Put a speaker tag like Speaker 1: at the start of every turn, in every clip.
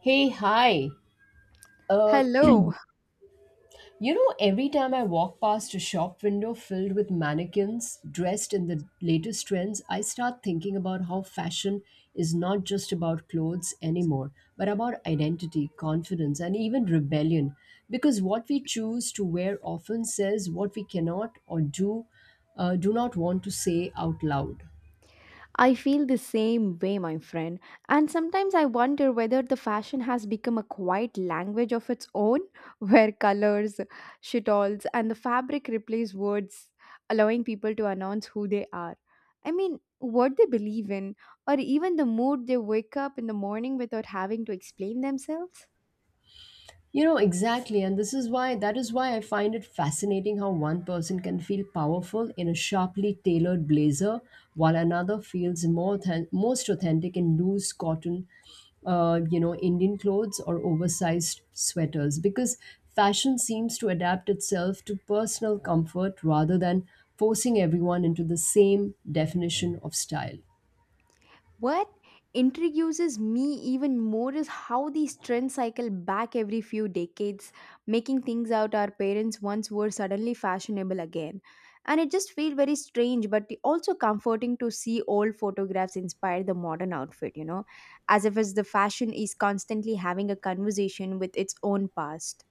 Speaker 1: Hey, hi. Uh,
Speaker 2: Hello.
Speaker 1: every time I walk past a shop window filled with mannequins dressed in the latest trends, I start thinking about how fashion is not just about clothes anymore, but about identity, confidence, and even rebellion. Because what we choose to wear often says what we cannot or do not want to say out loud.
Speaker 2: I feel the same way, my friend. And sometimes I wonder whether the fashion has become a quiet language of its own, where colors, shitals, and the fabric replace words, allowing people to announce who they are. I mean, what they believe in, or even the mood they wake up in the morning without having to explain themselves.
Speaker 1: You know, exactly. And this is why, that is why I find it fascinating how one person can feel powerful in a sharply tailored blazer, while another feels most authentic in loose cotton, Indian clothes or oversized sweaters. Because fashion seems to adapt itself to personal comfort rather than forcing everyone into the same definition of style.
Speaker 2: What intrigues me even more is how these trends cycle back every few decades, making things out our parents once wore suddenly fashionable again. And it just feels very strange, but also comforting to see old photographs inspire the modern outfit, you know, as if as the fashion is constantly having a conversation with its own past.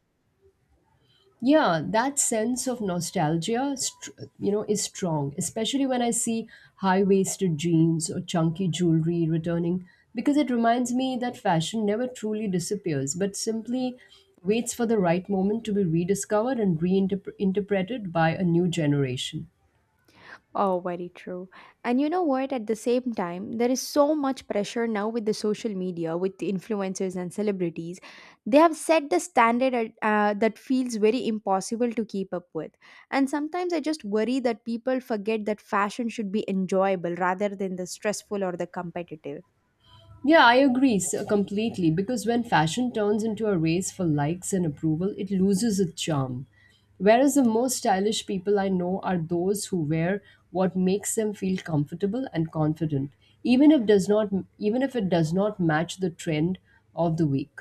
Speaker 1: Yeah, that sense of nostalgia is strong, especially when I see high-waisted jeans or chunky jewelry returning, because it reminds me that fashion never truly disappears, but simply waits for the right moment to be rediscovered and reinterpreted by a new generation.
Speaker 2: Oh, very true. And you know what? At the same time, there is so much pressure now with the social media, with the influencers and celebrities. They have set the that feels very impossible to keep up with. And sometimes I just worry that people forget that fashion should be enjoyable rather than the stressful or the competitive.
Speaker 1: Yeah, I agree so completely because when fashion turns into a race for likes and approval, it loses its charm. Whereas the most stylish people I know are those who wear what makes them feel comfortable and confident, even if does not even if it does not match the trend of the week.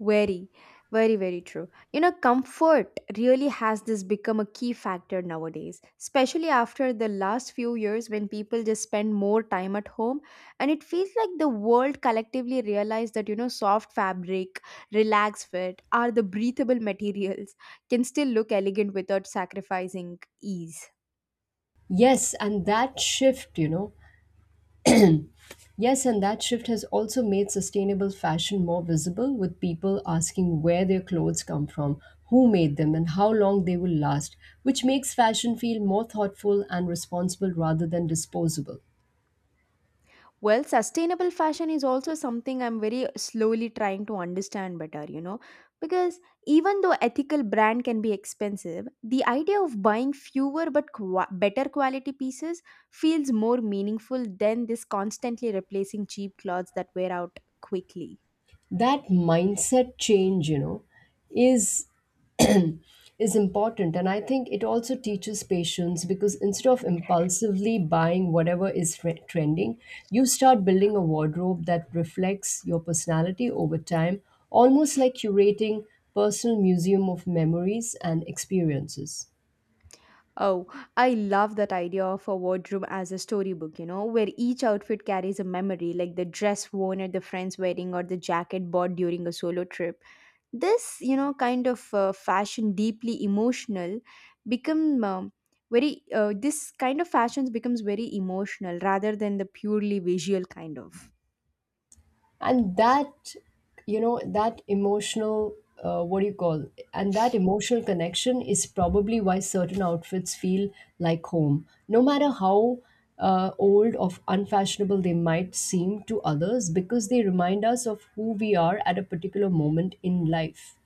Speaker 2: Very, very, very true. You know, comfort really has this become a key factor nowadays, especially after the last few years when people just spend more time at home. And it feels like the world collectively realized that, you know, soft fabric, relaxed fit, are the breathable materials, can still look elegant without sacrificing ease.
Speaker 1: Yes, and that shift, you know, Yes, and that shift has also made sustainable fashion more visible, with people asking where their clothes come from, who made them, and how long they will last, which makes fashion feel more thoughtful and responsible rather than disposable.
Speaker 2: Well, sustainable fashion is also something I'm very slowly trying to understand better, you know, because even though ethical brand can be expensive, the idea of buying fewer but qua better quality pieces feels more meaningful than this constantly replacing cheap clothes that wear out quickly.
Speaker 1: That mindset change, is is important. And I think it also teaches patience, because instead of impulsively buying whatever is trending, you start building a wardrobe that reflects your personality over time, almost like curating personal museum of memories and experiences.
Speaker 2: Oh, I love that idea of a wardrobe as a storybook, you know, where each outfit carries a memory, like the dress worn at the friend's wedding or the jacket bought during a solo trip, this, fashion deeply emotional become very this kind of fashions becomes very emotional rather than the purely visual kind of.
Speaker 1: And that you know that emotional what do you call and that emotional connection is probably why certain outfits feel like home, no matter how old or unfashionable they might seem to others, because they remind us of who we are at a particular moment in life.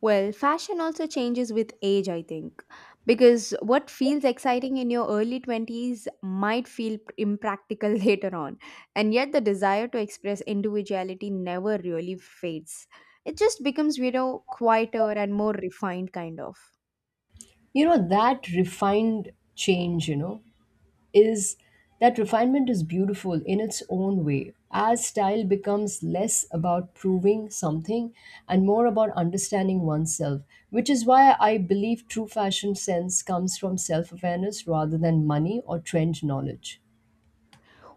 Speaker 2: Well, fashion also changes with age, I think, because what feels exciting in your early 20s might feel impractical later on, and yet the desire to express individuality never really fades. It just becomes, you know, quieter and more refined kind of.
Speaker 1: You know that refined change you know is That refinement is beautiful in its own way. As style becomes less about proving something and more about understanding oneself, which is why I believe true fashion sense comes from self awareness rather than money or trend knowledge.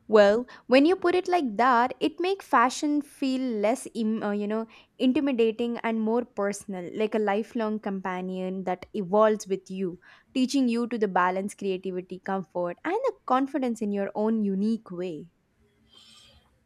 Speaker 2: Well, when you put it like that, it makes fashion feel less, you know, intimidating and more personal, like a lifelong companion that evolves with you, teaching you to the balance, creativity, comfort, and the confidence in your own unique way.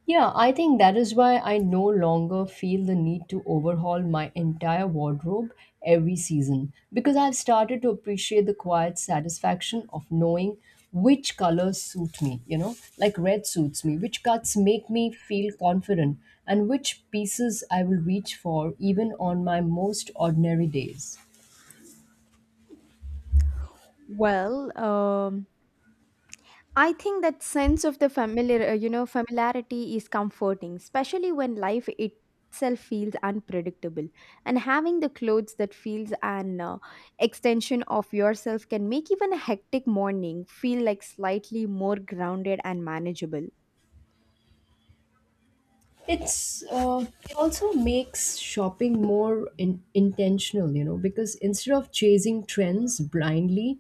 Speaker 1: Yeah, I think that is why I no longer feel the need to overhaul my entire wardrobe every season, because I've started to appreciate the quiet satisfaction of knowing which colors suit me, you know, like red suits me, which cuts make me feel confident, and which pieces I will reach for even on my most ordinary days.
Speaker 2: Well, I think that sense of the you know, familiarity is comforting, especially when life itself feels unpredictable. And having the clothes that feels an extension of yourself can make even a hectic morning feel like slightly more grounded and manageable.
Speaker 1: it's uh, it also makes shopping more intentional, you know, because instead of chasing trends blindly,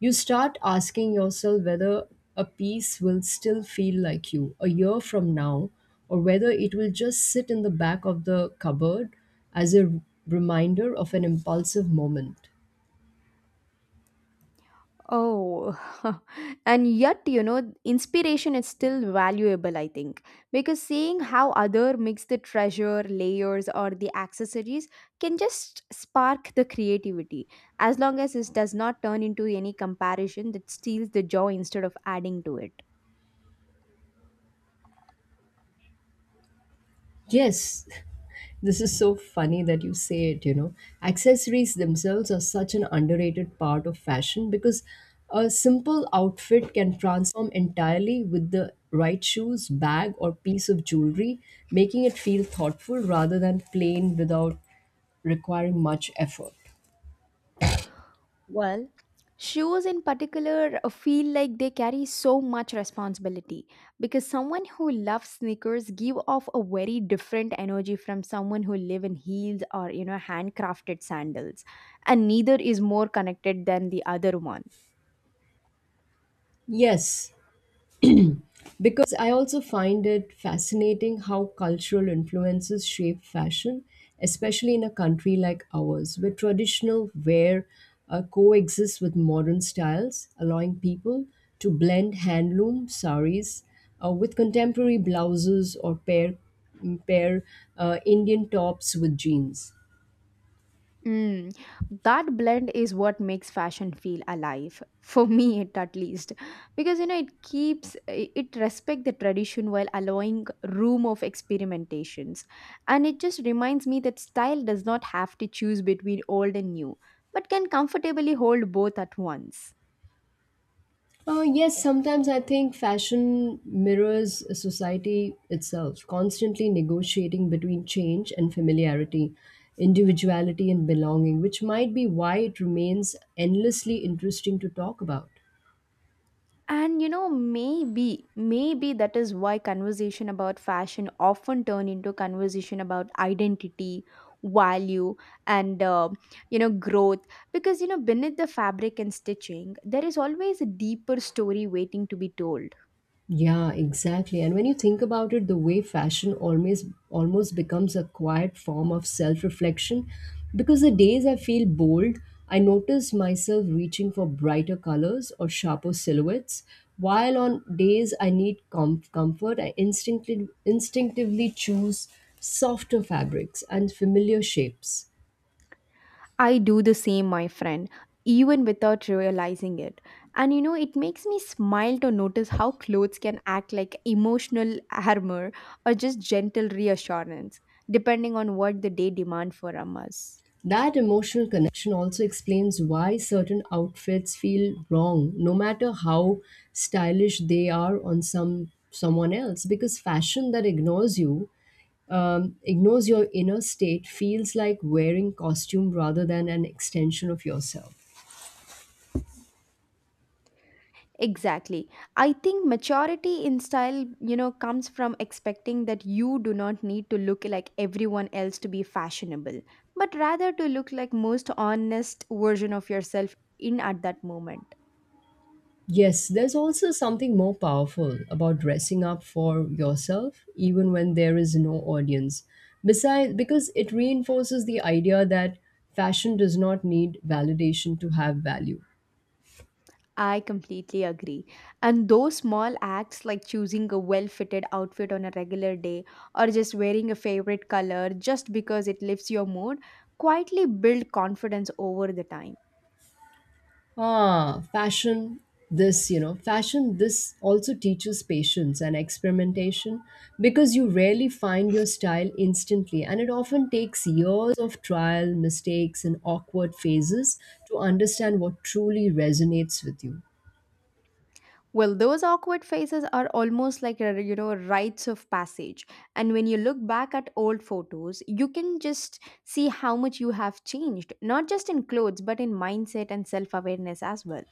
Speaker 1: you start asking yourself whether a piece will still feel like you a year from now, or whether it will just sit in the back of the cupboard as a reminder of an impulsive moment.
Speaker 2: Oh, and yet, you know, inspiration is still valuable, I think, because seeing how other mix the treasure, layers, or the accessories can just spark the creativity, as long as this does not turn into any comparison that steals the joy instead of adding to it.
Speaker 1: Yes, this is so funny that you say it, you know. Accessories themselves are such an underrated part of fashion, because a simple outfit can transform entirely with the right shoes, bag, or piece of jewelry, making it feel thoughtful rather than plain without requiring much effort.
Speaker 2: Well, shoes in particular feel like they carry so much responsibility because someone who loves sneakers give off a very different energy from someone who live in heels or, you know, handcrafted sandals, and neither is more connected than the other one.
Speaker 1: Yes, because I also find it fascinating how cultural influences shape fashion, especially in a country like ours, where traditional wear coexists with modern styles, allowing people to blend handloom saris with contemporary blouses or pair Indian tops with jeans.
Speaker 2: Mm, that blend is what makes fashion feel alive for me, it at least, because, you know, it keeps it respect the tradition while allowing room of experimentations. And it just reminds me that style does not have to choose between old and new, but can comfortably hold both at once.
Speaker 1: Yes, sometimes I think fashion mirrors society itself, constantly negotiating between change and familiarity, individuality and belonging, which might be why it remains endlessly interesting to talk about.
Speaker 2: And you know, maybe that is why conversation about fashion often turn into conversation about identity, value, and you know, growth. Because you know, beneath the fabric and stitching, there is always a deeper story waiting to be told.
Speaker 1: Yeah, exactly. And when you think about it, the way fashion always almost becomes a quiet form of self-reflection, because the days I feel bold, I notice myself reaching for brighter colors or sharper silhouettes, while on days I need comfort, I instinctively choose softer fabrics and familiar shapes.
Speaker 2: I do the same, my friend, even without realizing it. And you know, it makes me smile to notice how clothes can act like emotional armor or just gentle reassurance, depending on what the day demand from us.
Speaker 1: That emotional connection also explains why certain outfits feel wrong, no matter how stylish they are on someone else. Because fashion that ignores you, ignores your inner state, feels like wearing costume rather than an extension of yourself.
Speaker 2: Exactly. I think maturity in style, you know, comes from expecting that you do not need to look like everyone else to be fashionable, but rather to look like most honest version of yourself in at that moment.
Speaker 1: Yes, there's also something more powerful about dressing up for yourself, even when there is no audience. Besides, because it reinforces the idea that fashion does not need validation to have value.
Speaker 2: I completely agree. And those small acts like choosing a well fitted outfit on a regular day or just wearing a favorite color just because it lifts your mood quietly build confidence over the time.
Speaker 1: Ah, fashion, this also teaches patience and experimentation, because you rarely find your style instantly, and it often takes years of trial, mistakes, and awkward phases to understand what truly resonates with you.
Speaker 2: Well, those awkward faces are almost like a, you know, rites of passage. And when you look back at old photos, you can just see how much you have changed, not just in clothes, but in mindset and self-awareness as well.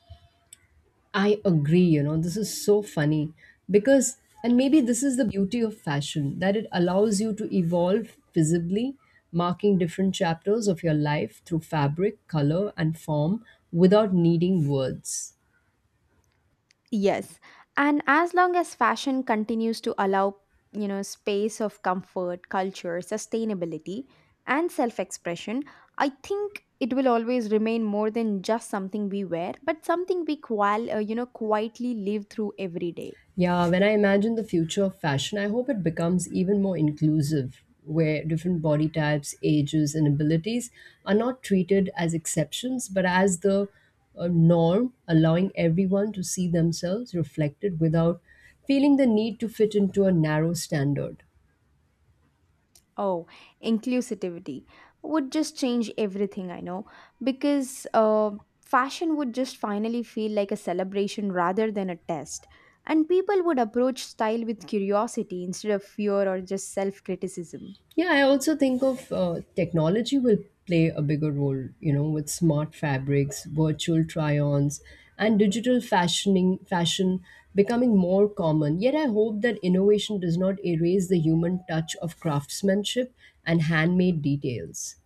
Speaker 1: I agree, you know, this is so funny. Because, and maybe this is the beauty of fashion, that it allows you to evolve visibly, marking different chapters of your life through fabric, color, and form without needing words.
Speaker 2: Yes. And as long as fashion continues to allow, you know, space of comfort, culture, sustainability, and self expression, I think it will always remain more than just something we wear, but something we, you know, quietly live through every day.
Speaker 1: Yeah, when I imagine the future of fashion, I hope it becomes even more inclusive, where different body types, ages, and abilities are not treated as exceptions, but as the norm, allowing everyone to see themselves reflected without feeling the need to fit into a narrow standard.
Speaker 2: Oh, inclusivity would just change everything, I know, because fashion would just finally feel like a celebration rather than a test. And people would approach style with curiosity instead of fear or just self criticism.
Speaker 1: Yeah, I also think of technology will play a bigger role, you know, with smart fabrics, virtual try-ons, and digital fashioning fashion becoming more common. Yet I hope that innovation does not erase the human touch of craftsmanship and handmade details.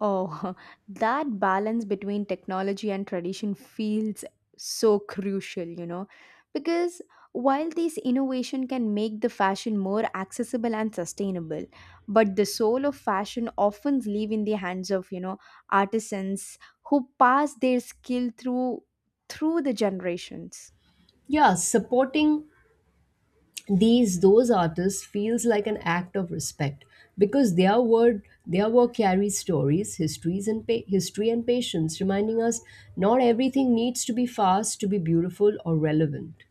Speaker 2: Oh, that balance between technology and tradition feels so crucial, you know, because while these innovation can make the fashion more accessible and sustainable, but the soul of fashion often live in the hands of, you know, artisans who pass their skill through the generations.
Speaker 1: Yeah, supporting these those artists feels like an act of respect, because their work carries stories, history and patience, reminding us not everything needs to be fast to be beautiful or relevant.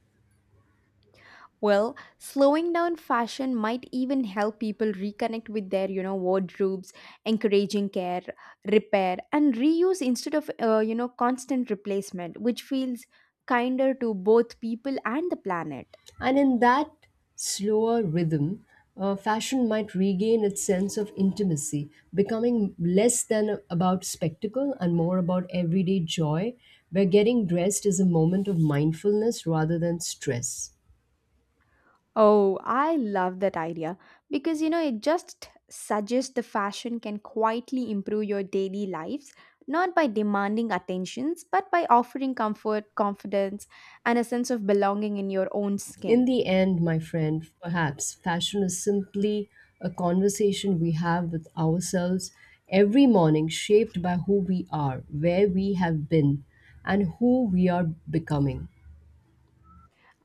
Speaker 2: Well, slowing down fashion might even help people reconnect with their, you know, wardrobes, encouraging care, repair, and reuse instead of, you know, constant replacement, which feels kinder to both people and the planet.
Speaker 1: And in that slower rhythm, fashion might regain its sense of intimacy, becoming less than about spectacle and more about everyday joy, where getting dressed is a moment of mindfulness rather than stress.
Speaker 2: Oh, I love that idea because, you know, it just suggests the fashion can quietly improve your daily lives, not by demanding attentions, but by offering comfort, confidence, and a sense of belonging in your own
Speaker 1: In
Speaker 2: skin.
Speaker 1: the end, my friend, perhaps fashion is simply a conversation we have with ourselves every morning, shaped by who we are, where we have been, and who we are becoming.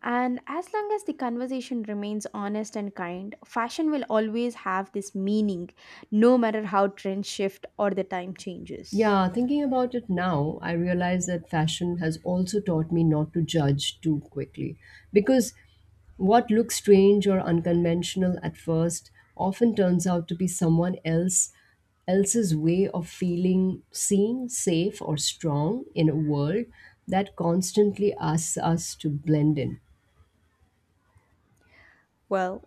Speaker 2: And as long as the conversation remains honest and kind, fashion will always have this meaning, no matter how trends shift or the time changes.
Speaker 1: Yeah, thinking about it now, I realize that fashion has also taught me not to judge too quickly. Because what looks strange or unconventional at first often turns out to be someone else's way of feeling seen, safe or strong in a world that constantly asks us to blend in.
Speaker 2: Well,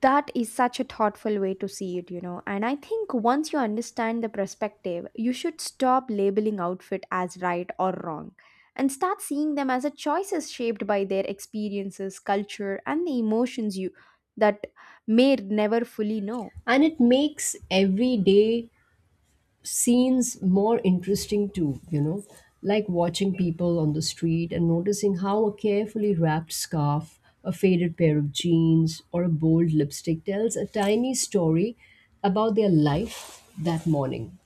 Speaker 2: that is such a thoughtful way to see it, you know. And I think once you understand the perspective, you should stop labeling outfit as right or wrong and start seeing them as a choices shaped by their experiences, culture, and the emotions you that may never fully know.
Speaker 1: And it makes every day scenes more interesting too, you know, like watching people on the street and noticing how a carefully wrapped scarf, a faded pair of jeans, or a bold lipstick tells a tiny story about their life that morning.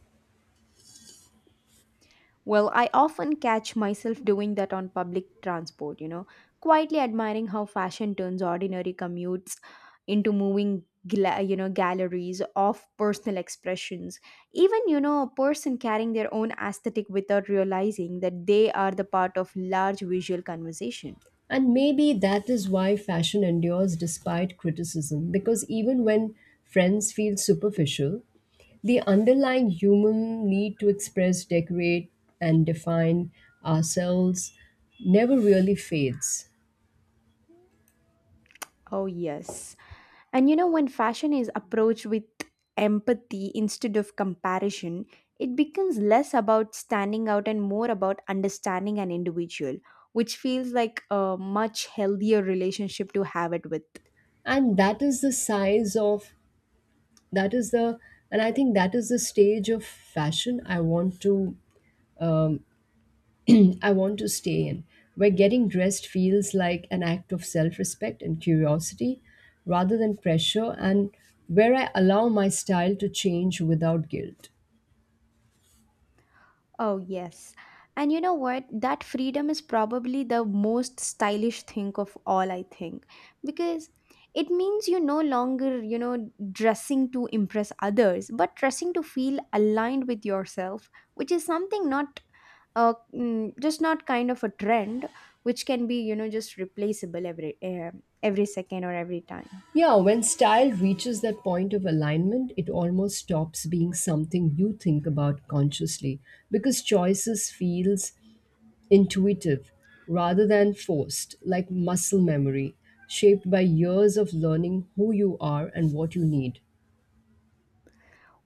Speaker 2: Well, I often catch myself doing that on public transport, you know, quietly admiring how fashion turns ordinary commutes into moving, you know, galleries of personal expressions. Even, you know, a person carrying their own aesthetic without realizing that they are the part of large visual conversation.
Speaker 1: And maybe that is why fashion endures despite criticism, because even when friends feel superficial, the underlying human need to express, decorate, and define ourselves never really fades.
Speaker 2: Oh, yes. And you know, when fashion is approached with empathy instead of comparison, it becomes less about standing out and more about understanding an individual, which feels like a much healthier relationship to have it with.
Speaker 1: And that is the size of, that is the, and I think that is the stage of fashion I want to stay in, where getting dressed feels like an act of self respect and curiosity rather than pressure, and where I allow my style to change without guilt.
Speaker 2: Oh, yes. And you know what? That freedom is probably the most stylish thing of all, I think. Because it means you're no longer, you know, dressing to impress others, but dressing to feel aligned with yourself, which is something not just not kind of a trend, which can be, you know, just replaceable every second or every time.
Speaker 1: Yeah, when style reaches that point of alignment, it almost stops being something you think about consciously, because choices feels intuitive rather than forced, like muscle memory, shaped by years of learning who you are and what you need.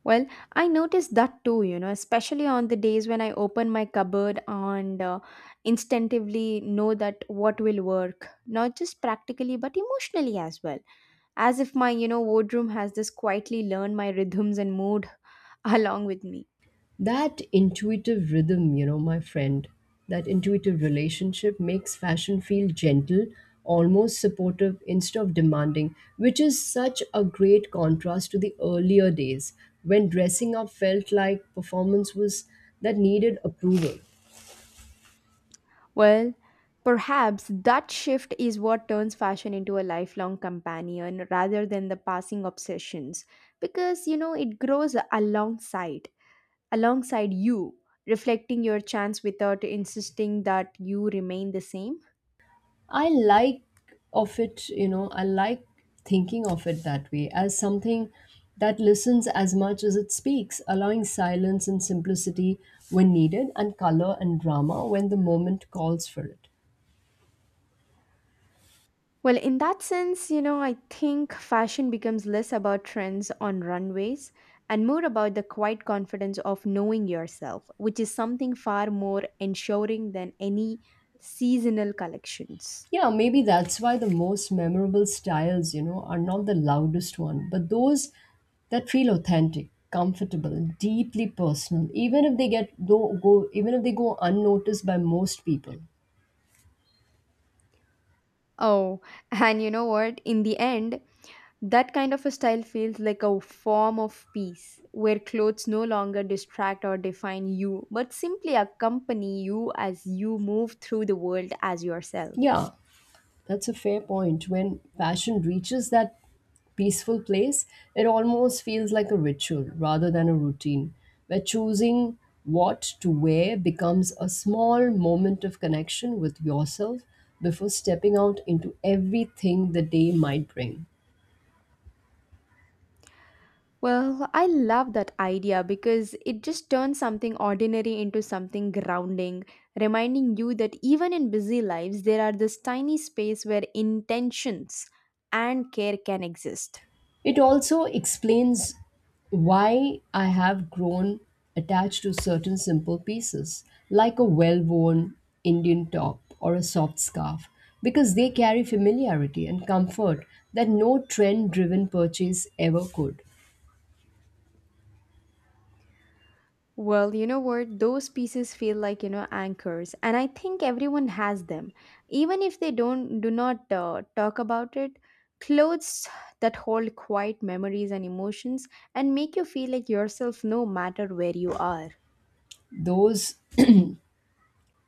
Speaker 2: Well, I noticed that too, you know, especially on the days when I open my cupboard and instinctively know that what will work, not just practically but emotionally as well. As if my, you know, wardrobe has this quietly learned my rhythms and mood along with me.
Speaker 1: That intuitive rhythm, you know, my friend, That intuitive relationship makes fashion feel gentle, almost supportive instead of demanding, which is such a great contrast to the earlier days when dressing up felt like performance was that needed approval.
Speaker 2: Well, perhaps that shift is what turns fashion into a lifelong companion rather than the passing obsessions because, you know, it grows alongside you, reflecting your chance without insisting that you remain the same?
Speaker 1: I like I like thinking of it that way as something that listens as much as it speaks, allowing silence and simplicity when needed and color and drama when the moment calls for it.
Speaker 2: Well, in that sense, you know, I think fashion becomes less about trends on runways and more about the quiet confidence of knowing yourself, which is something far more ensuring than any seasonal collections.
Speaker 1: Yeah, maybe that's why the most memorable styles, you know, are not the loudest one, but those that feel authentic, comfortable, deeply personal, even if they go unnoticed by most people.
Speaker 2: Oh, and you know what? In the end, that kind of a style feels like a form of peace, where clothes no longer distract or define you, but simply accompany you as you move through the world as yourself.
Speaker 1: Yeah, that's a fair point. When passion reaches that peaceful place, it almost feels like a ritual rather than a routine, where choosing what to wear becomes a small moment of connection with yourself before stepping out into everything the day might bring.
Speaker 2: Well, I love that idea because it just turns something ordinary into something grounding, reminding you that even in busy lives, there are this tiny space where intentions and care can exist.
Speaker 1: It also explains why I have grown attached to certain simple pieces, like a well worn Indian top or a soft scarf, because they carry familiarity and comfort that no trend driven purchase ever could.
Speaker 2: Well, you know what? Those pieces feel like, you know, anchors, and I think everyone has them, even if they don't do not talk about it. Clothes that hold quiet memories and emotions and make you feel like yourself no matter where you are.
Speaker 1: Those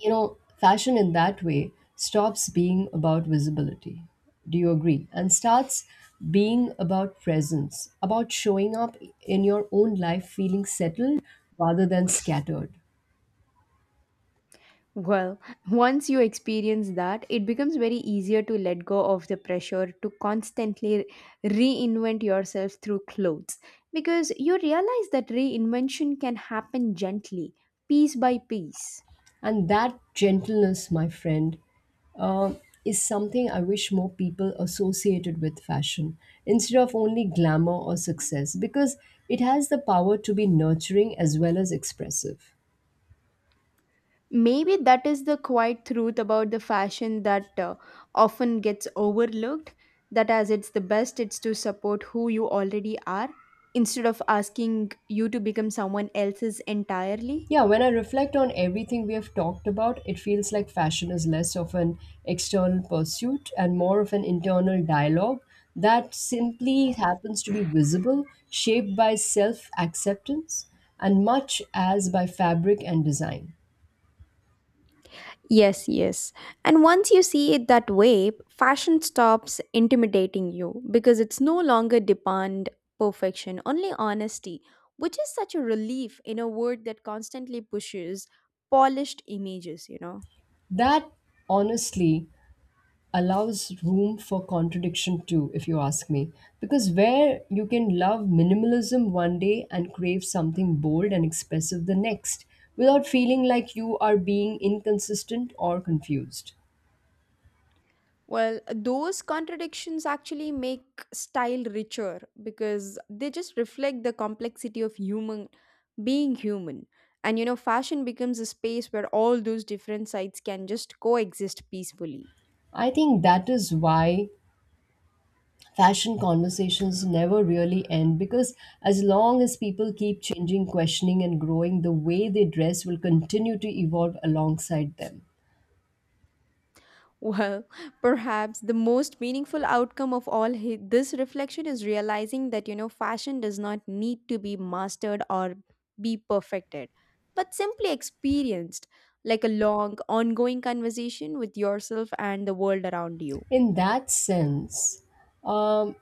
Speaker 1: You know, fashion in that way stops being about visibility. Do you agree? And starts being about presence, about showing up in your own life feeling settled rather than scattered.
Speaker 2: Well, once you experience that, it becomes very easier to let go of the pressure to constantly reinvent yourself through clothes because you realize that reinvention can happen gently, piece by piece.
Speaker 1: And that gentleness, my friend, uh, is something I wish more people associated with fashion instead of only glamour or success, because it has the power to be nurturing as well as expressive.
Speaker 2: Maybe that is the quiet truth about the fashion that often gets overlooked, that as it's the best it's to support who you already are instead of asking you to become someone else's entirely.
Speaker 1: Yeah, when I reflect on everything we have talked about, it feels like fashion is less of an external pursuit and more of an internal dialogue that simply happens to be visible, shaped by self acceptance, and much as by fabric and design.
Speaker 2: Yes, yes. And once you see it that way, fashion stops intimidating you because it's no longer demand perfection, only honesty, which is such a relief in a world that constantly pushes polished images.
Speaker 1: That honestly allows room for contradiction too, if you ask me. Because where you can love minimalism one day and crave something bold and expressive the next without feeling like you are being inconsistent or confused.
Speaker 2: Well, those contradictions actually make style richer because they just reflect the complexity of human being human. And you know, fashion becomes a space where all those different sides can just coexist peacefully.
Speaker 1: I think that is why fashion conversations never really end because as long as people keep changing, questioning, and growing, the way they dress will continue to evolve alongside them.
Speaker 2: Well, perhaps the most meaningful outcome of all this reflection is realizing that, you know, fashion does not need to be mastered or be perfected, but simply experienced like a long, ongoing conversation with yourself and the world around you.
Speaker 1: In that sense, um,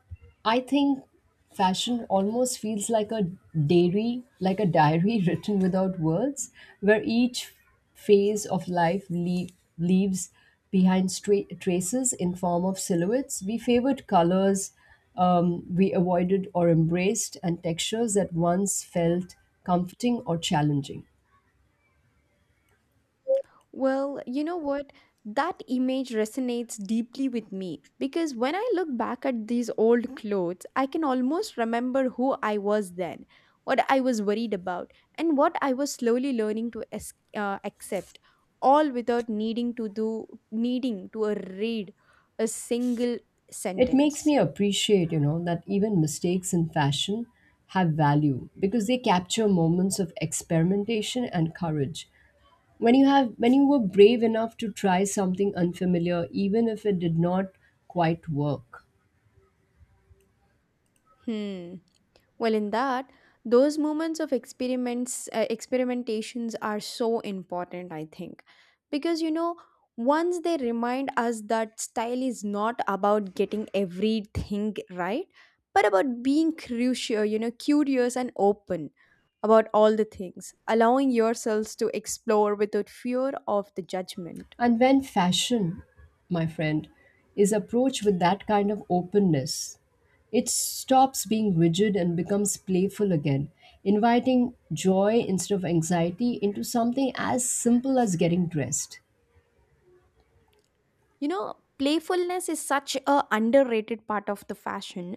Speaker 1: I think fashion almost feels like a diary written without words, where each phase of life leaves behind traces in form of silhouettes. We favored colors we avoided or embraced, and textures that once felt comforting or challenging.
Speaker 2: Well, you know what? That image resonates deeply with me because when I look back at these old clothes, I can almost remember who I was then, what I was worried about, and what I was slowly learning to accept, all without needing to do needing to read a single
Speaker 1: It makes
Speaker 2: sentence.
Speaker 1: me appreciate, you know, that even mistakes in fashion have value because they capture moments of experimentation and courage. When you were brave enough to try something unfamiliar even if it did not quite work.
Speaker 2: Hmm. Well, in that, those moments of experimentations are so important, I think, because you know, once they remind us that style is not about getting everything right, but about being curious and open about all the things, allowing yourselves to explore without fear of the judgment.
Speaker 1: And when fashion, my friend, is approached with that kind of openness, it stops being rigid and becomes playful again, inviting joy instead of anxiety into something as simple as getting dressed.
Speaker 2: You know, playfulness is such a underrated part of the fashion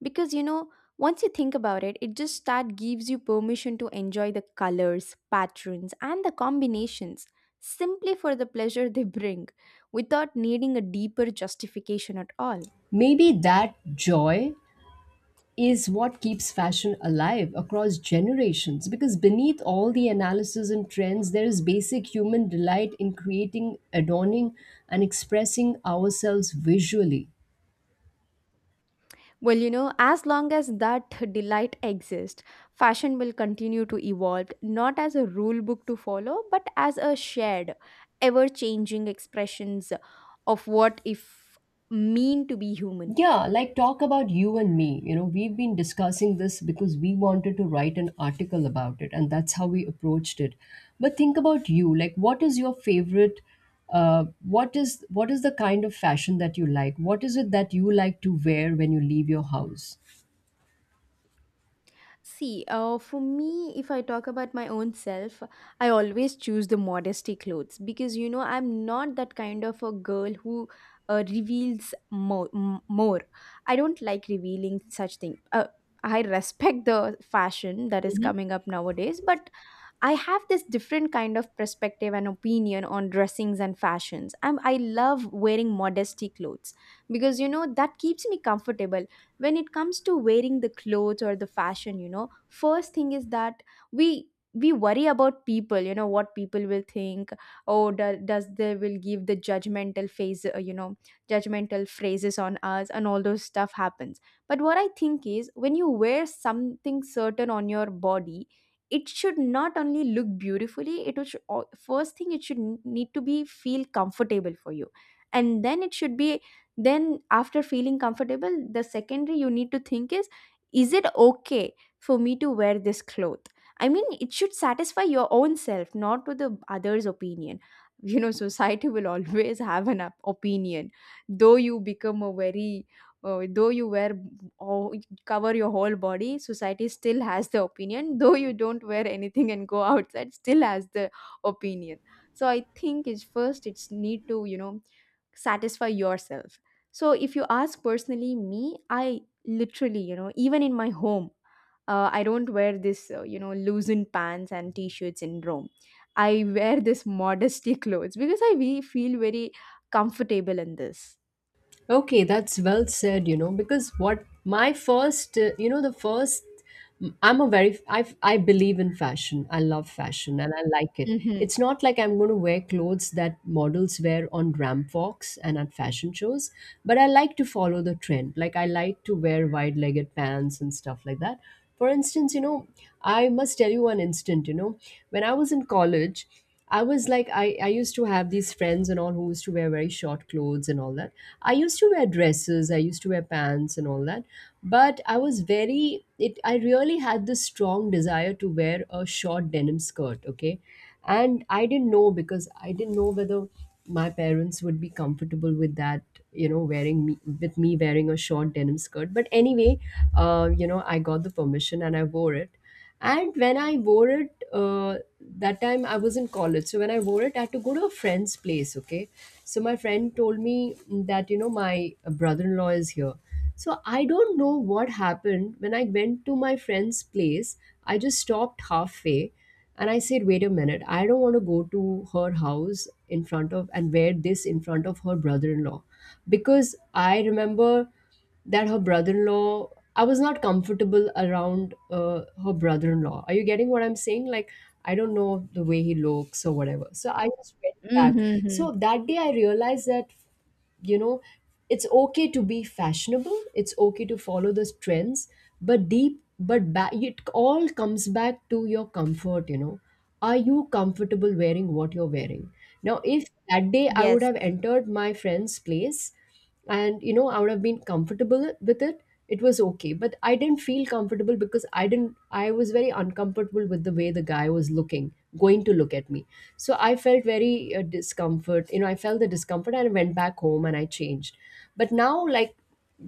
Speaker 2: because you know, once you think about it, it just that gives you permission to enjoy the colors, patterns and the combinations simply for the pleasure they bring without needing a deeper justification at all.
Speaker 1: Maybe that joy is what keeps fashion alive across generations because beneath all the analysis and trends, there is basic human delight in creating, adorning, and expressing ourselves visually.
Speaker 2: Well, you know, as long as that delight exists, fashion will continue to evolve, not as a rule book to follow, but as a shared, ever changing expressions of what if mean to be human.
Speaker 1: Yeah, like talk about you and me. You know, we've been discussing this because we wanted to write an article about it, and that's how we approached it. But think about you. Like, what is your favorite? What is the kind of fashion that you like? What is it that you like to wear when you leave your house?
Speaker 2: See, for me, if I talk about my own self, I always choose the modesty clothes because you know I'm not that kind of a girl who more. I don't like revealing such thing. I respect the fashion that is coming up nowadays, but I have this different kind of perspective and opinion on dressings and fashions. I love wearing modesty clothes because you know that keeps me comfortable. When it comes to wearing the clothes or the fashion, you know, first thing is that we worry about people, you know, what people will think. Oh, does they will give the judgmental phase, you know, judgmental phrases on us, and all those stuff happens. But what I think is when you wear something certain on your body, it should not only look beautifully, it should first thing it should need to be feel comfortable for you, and then it should be, then after feeling comfortable, the secondary you need to think is it okay for me to wear this cloth? I mean, it should satisfy your own self, not to the others opinion. You know, society will always have an opinion, though you become a very though you wear or cover your whole body, society still has the opinion, though you don't wear anything and go outside, still has the opinion. So I think it's first it's need to, you know, satisfy yourself. So if you ask personally me, I literally, you know, even in my home, I don't wear this you know loosened pants and t-shirts in rome. I wear this modesty clothes because I we feel very comfortable in this.
Speaker 1: Okay, that's well said, you know, because what my first, you know, the first, I'm a very, I believe in fashion. I love fashion and I like it.
Speaker 2: Mm-hmm.
Speaker 1: It's not like I'm going to wear clothes that models wear on Ram Fox and at fashion shows, but I like to follow the trend. Like, I like to wear wide legged pants and stuff like that. For instance, you know, I must tell you one instant, you know, when I was in college, I was like, I used to have these friends and all who used to wear very short clothes and all that. I used to wear dresses, I used to wear pants and all that. But I was very, it, I really had this strong desire to wear a short denim skirt, okay? And I didn't know because I didn't know whether my parents would be comfortable with that, you know, wearing me, with me wearing a short denim skirt. But anyway, you know, I got the permission and I wore it, and when I wore it, that time I was in college, so when I wore it I had to go to a friend's place, okay? So my friend told me that, you know, my brother-in-law is here. So I don't know what happened. When I went to my friend's place, I just stopped halfway and I said, wait a minute, I don't want to go to her house in front of and wear this in front of her brother-in-law, because I remember that her brother-in-law, I was not comfortable around, her brother-in-law. Are you getting what I'm saying? Like, I don't know the way he looks or whatever, so I just went back.
Speaker 2: Mm-hmm.
Speaker 1: So that day I realized that, you know, it's okay to be fashionable, it's okay to follow those trends, but deep but back, it all comes back to your comfort. You know, are you comfortable wearing what you're wearing? Now if that day I would
Speaker 2: Yes.
Speaker 1: have entered my friend's place and, you know, I would have been comfortable with it, it was okay. But I didn't feel comfortable because I didn't I was very uncomfortable with the way the guy was looking, going to look at me. So I felt very discomfort, you know, I felt the discomfort and I went back home and I changed. But now, like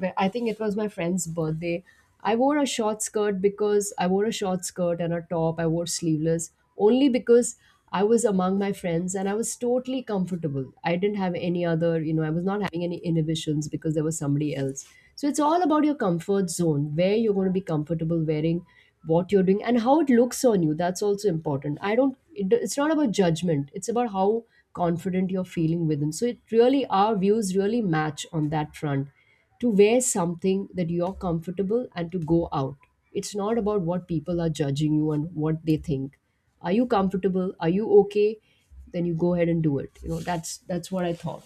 Speaker 1: where- I think it was my friend's birthday. I wore a short skirt, because I wore a short skirt and a top. I wore sleeveless only because I was among my friends and I was totally comfortable. I didn't have any other, you know, I was not having any inhibitions because there was somebody else. So it's all about your comfort zone, where you're going to be comfortable wearing what you're doing and how it looks on you. That's also important. I don't, it, it's not about judgment, it's about how confident you're feeling within. So it really, our views really match on that front, to wear something that you're comfortable and to go out. It's not about what people are judging you and what they think. Are you comfortable? Are you okay? Then you go ahead and do it. You know, that's what I thought.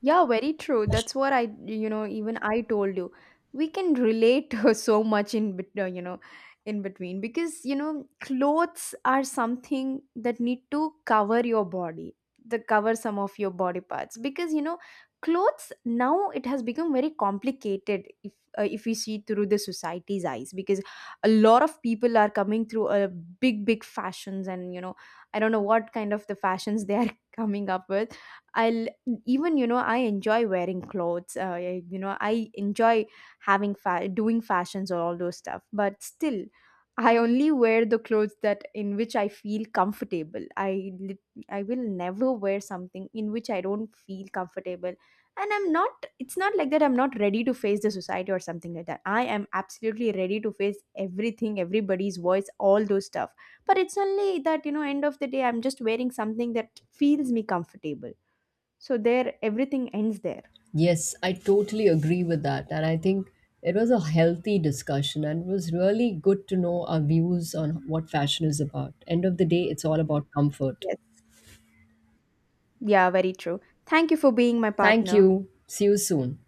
Speaker 2: Yeah, very true. That's what I, you know, even I told you. We can relate so much in, you know, in between because, you know, clothes are something that need to cover your body, the cover some of your body parts because, you know, clothes now it has become very complicated if we see through the society's eyes because a lot of people are coming through a big big fashions and you know I don't know what kind of the fashions they are coming up with. I'll even you know I enjoy wearing clothes. You know I enjoy having doing fashions or all those stuff. But still, I only wear the clothes that in which I feel comfortable. I will never wear something in which I don't feel comfortable. And I'm not. It's not like that. I'm not ready to face the society or something like that. I am absolutely ready to face everything, everybody's voice, all those stuff. But it's only that you know, end of the day, I'm just wearing something that feels me comfortable. So there everything ends there.
Speaker 1: Yes, I totally agree with that. And I think it was a healthy discussion and it was really good to know our views on what fashion is about. End of the day, it's all about comfort.
Speaker 2: Yes. Yeah, very true. Thank you for being my
Speaker 1: Thank
Speaker 2: partner.
Speaker 1: you. See you soon.